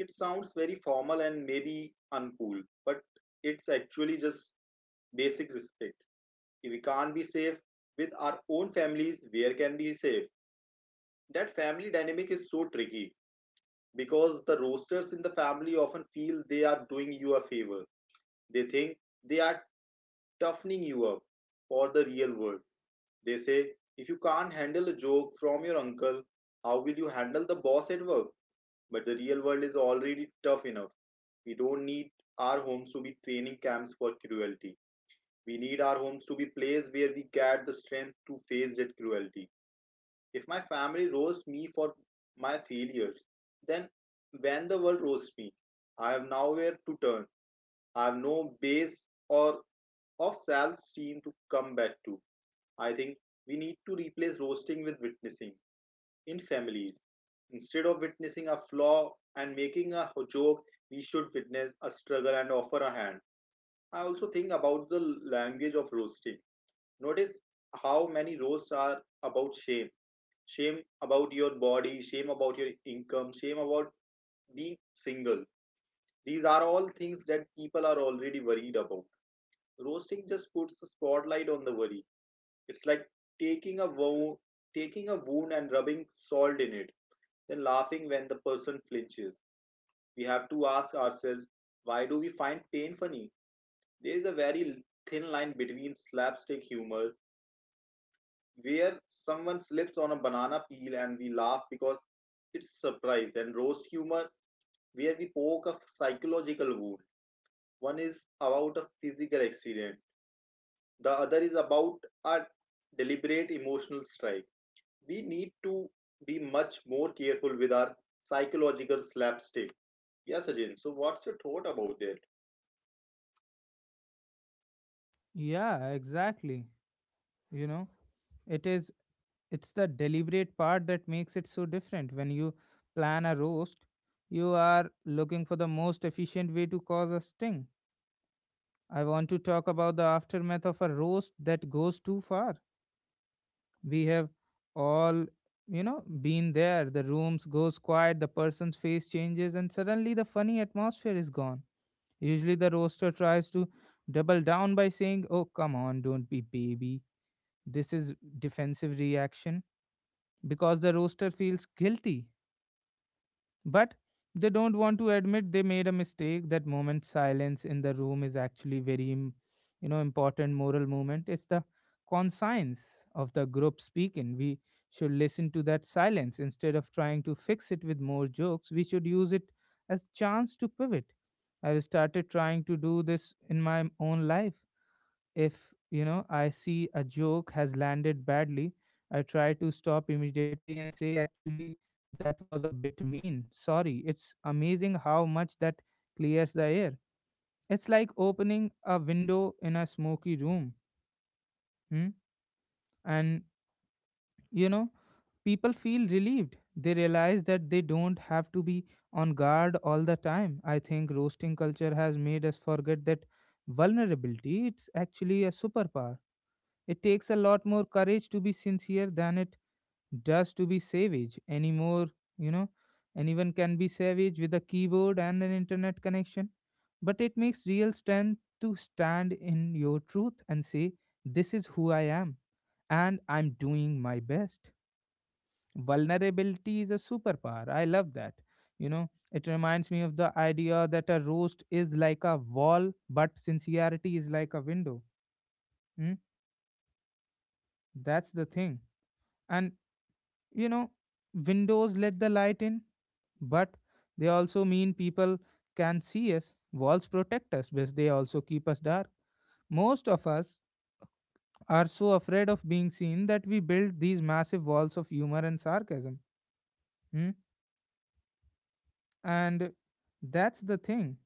B: It sounds very formal and maybe uncool, but it's actually just basic respect. If we can't be safe with our own families, where can we be safe? That family dynamic is so tricky because the roasters in the family often feel they are doing you a favor. They think they are toughening you up for the real world. They say, if you can't handle a joke from your uncle, how will you handle the boss at work? But the real world is already tough enough. We don't need our homes to be training camps for cruelty. We need our homes to be places where we get the strength to face that cruelty. If my family roasts me for my failures, then when the world roasts me, I have nowhere to turn. I have no base or of self-esteem to come back to. I think we need to replace roasting with witnessing in families. Instead of witnessing a flaw and making a joke, we should witness a struggle and offer a hand. I also think about the language of roasting. Notice how many roasts are about shame, shame about your body, shame about your income, shame about being single. These are all things that people are already worried about. Roasting just puts the spotlight on the worry. It's like taking a wound, taking a wound and rubbing salt in it, then laughing when the person flinches. We have to ask ourselves, why do we find pain funny? There is a very thin line between slapstick humor, where someone slips on a banana peel and we laugh because it's surprise, and roast humor, where we poke a psychological wound. One is about a physical accident, the other is about a deliberate emotional strike. We need to be much more careful with our psychological slapstick. Yes, Sajin. So, what's your thought about that?
A: Yeah, exactly. You know, it is it's the deliberate part that makes it so different. When you plan a roast, you are looking for the most efficient way to cause a sting. I want to talk about the aftermath of a roast that goes too far. We have all, been there. The rooms goes quiet, the person's face changes and suddenly the funny atmosphere is gone. Usually the roaster tries to double down by saying, "Oh, come on, don't be baby." This is defensive reaction because the roaster feels guilty, but they don't want to admit they made a mistake. That moment silence in the room is actually very important moral moment. It's the conscience of the group speaking. We should listen to that silence instead of trying to fix it with more jokes. We should use it as chance to pivot. I've started trying to do this in my own life. If, I see a joke has landed badly, I try to stop immediately and say, actually, that was a bit mean. Sorry. It's amazing how much that clears the air. It's like opening a window in a smoky room. Hmm? And, you know, people feel relieved. They realize that they don't have to be on guard all the time. I think roasting culture has made us forget that vulnerability it's actually a superpower. It takes a lot more courage to be sincere than it does to be savage anymore, you know. Anyone can be savage with a keyboard and an internet connection, but it makes real strength to stand in your truth and say, this is who I am, and I'm doing my best. Vulnerability is a superpower. I love that. You know, it reminds me of the idea that a roast is like a wall, but sincerity is like a window. Hmm? That's the thing. And you know windows let the light in, but they also mean people can see us. Walls protect us but they also keep us dark. Most of us are so afraid of being seen that we build these massive walls of humor and sarcasm. Hmm? And that's the thing.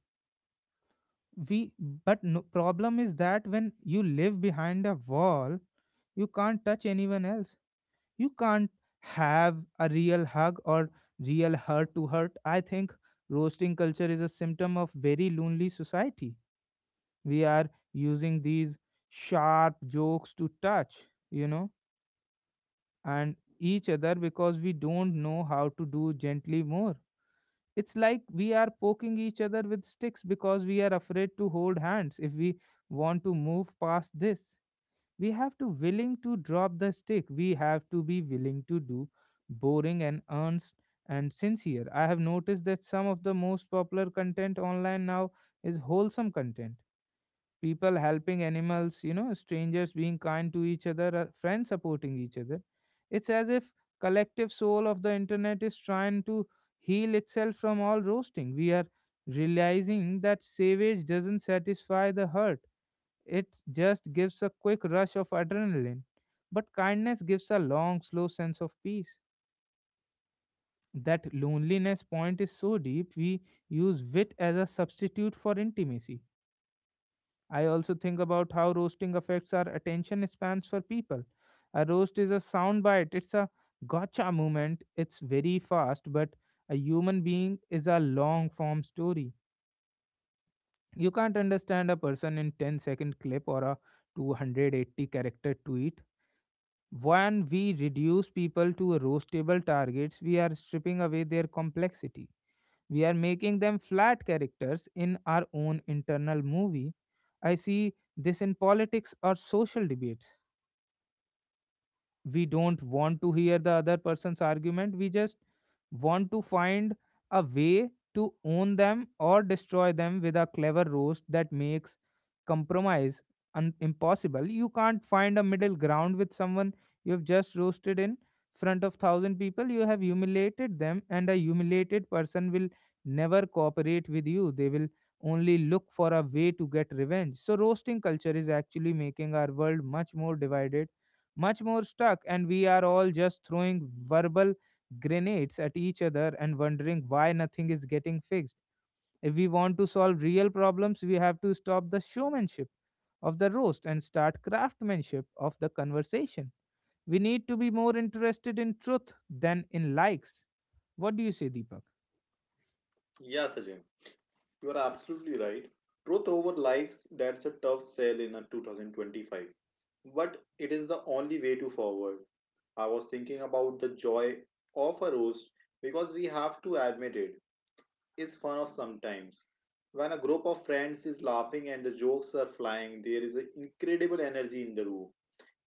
A: We but No, problem is that when you live behind a wall you can't touch anyone else. You can't have a real hug or real heart to heart. I think roasting culture is a symptom of very lonely society. We are using these sharp jokes to touch, you know, and each other because we don't know how to do gently more. It's like we are poking each other with sticks because we are afraid to hold hands. If we want to move past this we have to willing to drop the stick. We have to be willing to do boring and earnest and sincere. I have noticed that some of the most popular content online now is wholesome content, people helping animals, you know, strangers being kind to each other, friends supporting each other. It's as if collective soul of the internet is trying to heal itself from all roasting. We are realizing that savage doesn't satisfy the hurt, it just gives a quick rush of adrenaline. But kindness gives a long, slow sense of peace. That loneliness point is so deep, we use wit as a substitute for intimacy. I also think about how roasting affects our attention spans for people. A roast is a soundbite, it's a gotcha moment, it's very fast, but a human being is a long form story. You can't understand a person in ten-second clip or a 280 character tweet. When we reduce people to roastable targets, we are stripping away their complexity. We are making them flat characters in our own internal movie. I see this in politics or social debates. We don't want to hear the other person's argument, we just want to find a way to own them or destroy them with a clever roast that makes compromise impossible. You can't find a middle ground with someone you have just roasted in front of 1000 people. You have humiliated them and a humiliated person will never cooperate with you, they will only look for a way to get revenge. So roasting culture is actually making our world much more divided, much more stuck, and we are all just throwing verbal grenades at each other and wondering why nothing is getting fixed. If we want to solve real problems, we have to stop the showmanship of the roast and start craftsmanship of the conversation. We need to be more interested in truth than in likes. What do you say, Deepak?
B: Yes, Sajin, you are absolutely right. Truth over likes, that's a tough sell in a 2025. But it is the only way to forward. I was thinking about the joy of a roast because we have to admit it. It's fun of sometimes. When a group of friends is laughing and the jokes are flying, there is an incredible energy in the room.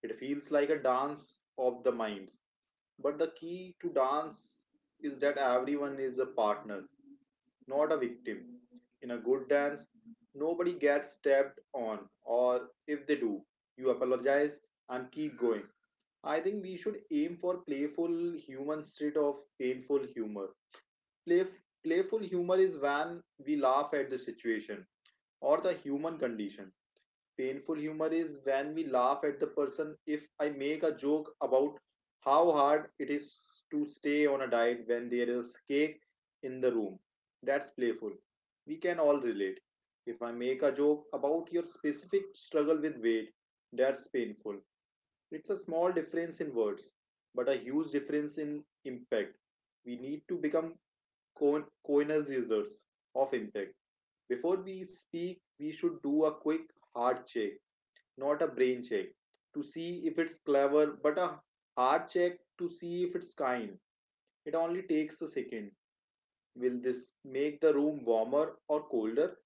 B: It feels like a dance of the minds. But the key to dance is that everyone is a partner, not a victim. In a good dance, nobody gets stepped on, or if they do, you apologize and keep going. I think we should aim for playful human instead of painful humor. Play- Playful humor is when we laugh at the situation or the human condition. Painful humor is when we laugh at the person. If I make a joke about how hard it is to stay on a diet when there is cake in the room, that's playful. We can all relate. If I make a joke about your specific struggle with weight, that's painful. It's a small difference in words, but a huge difference in impact. We need to become coiners users of impact. Before we speak, we should do a quick heart check, not a brain check to see if it's clever, but a heart check to see if it's kind. It only takes a second. Will this make the room warmer or colder?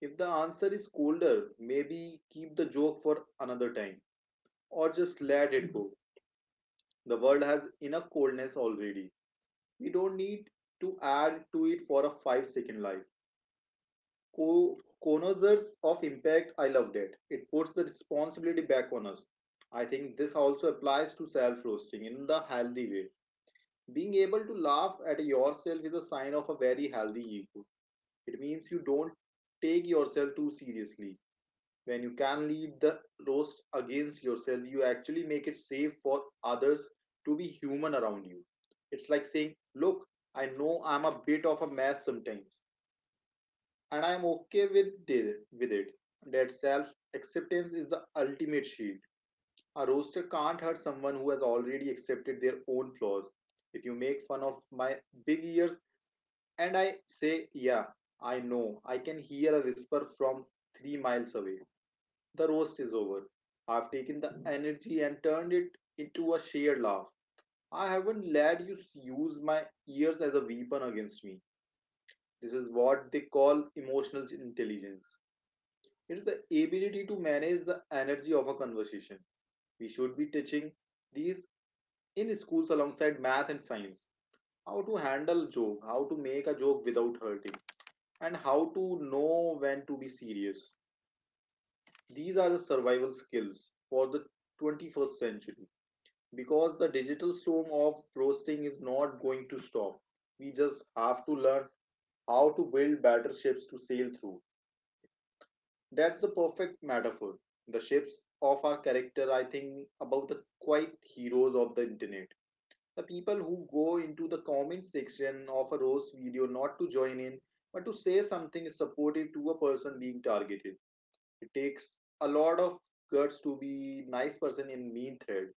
B: If the answer is colder, maybe keep the joke for another time or just let it go. The world has enough coldness already. We don't need to add to it for a 5-second life. co- Connoisseurs of impact, I loved it. It puts the responsibility back on us. I think this also applies to self roasting in the healthy way. Being able to laugh at yourself is a sign of a very healthy ego. It means you don't take yourself too seriously. When you can lead the roast against yourself, you actually make it safe for others to be human around you. It's like saying, "Look, I know I'm a bit of a mess sometimes, and I'm okay with it." With it, that self acceptance is the ultimate shield. A roaster can't hurt someone who has already accepted their own flaws. If you make fun of my big ears and I say, "Yeah, I know, I can hear a whisper from 3 miles away." The roast is over. I've taken the energy and turned it into a shared laugh. I haven't let you use my ears as a weapon against me. This is what they call emotional intelligence. It's the ability to manage the energy of a conversation. We should be teaching these in schools alongside math and science. How to handle joke, how to make a joke without hurting, and how to know when to be serious. These are the survival skills for the 21st century, because the digital storm of roasting is not going to stop. We just have to learn how to build battleships to sail through. That's the perfect metaphor. The shapes of our character, I think, about the quiet heroes of the internet. The people who go into the comment section of a roast video not to join in, but to say something supportive to a person being targeted. It takes a lot of guts to be nice person in mean thread.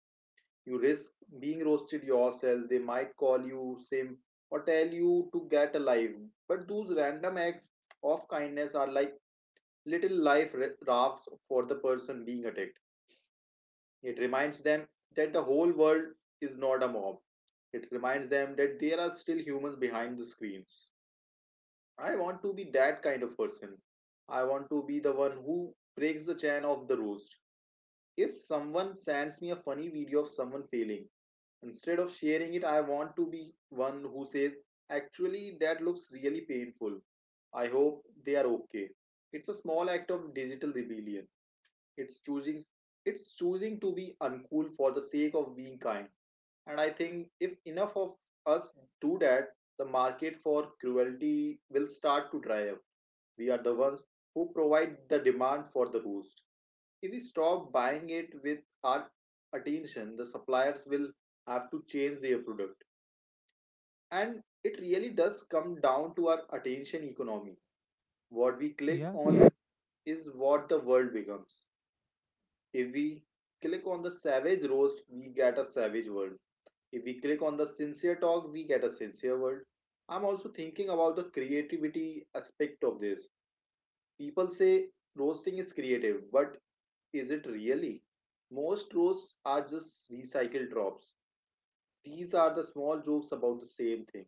B: You risk being roasted yourself. They might call you simp or tell you to get alive. But those random acts of kindness are like little life rafts for the person being attacked. It reminds them that the whole world is not a mob. It reminds them that there are still humans behind the screens. I want to be that kind of person. I want to be the one who breaks the chain of the roast. If someone sends me a funny video of someone failing, instead of sharing it, I want to be one who says, "Actually, that looks really painful. I hope they are okay." It's a small act of digital rebellion. it's choosing it's choosing to be uncool for the sake of being kind, and I think if enough of us do that, the market for cruelty will start to dry up. We are the ones who provide the demand for the roost. If we stop buying it with our attention, the suppliers will have to change their product. And it really does come down to our attention economy. What we click
A: Yeah,
B: on is what the world becomes. If we click on the savage roast, we get a savage world. If we click on the sincere talk, we get a sincere world. I'm also thinking about the creativity aspect of this. People say roasting is creative, but is it really? Most roasts are just recycled drops. These are the small jokes about the same things.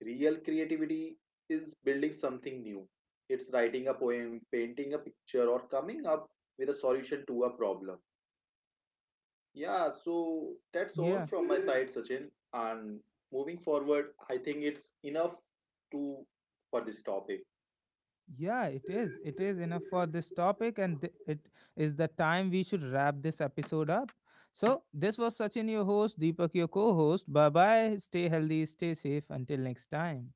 B: Real creativity is building something new. It's writing a poem, painting a picture, or coming up with a solution to a problem. Yeah, so that's all
A: yeah.
B: from my side, Sachin. And moving forward, I think it's enough to for this topic.
A: Yeah, it is. It is enough for this topic, and it is the time we should wrap this episode up. So, this was Sachin, your host, Deepak, your co host. Bye bye. Stay healthy, stay safe. Until next time.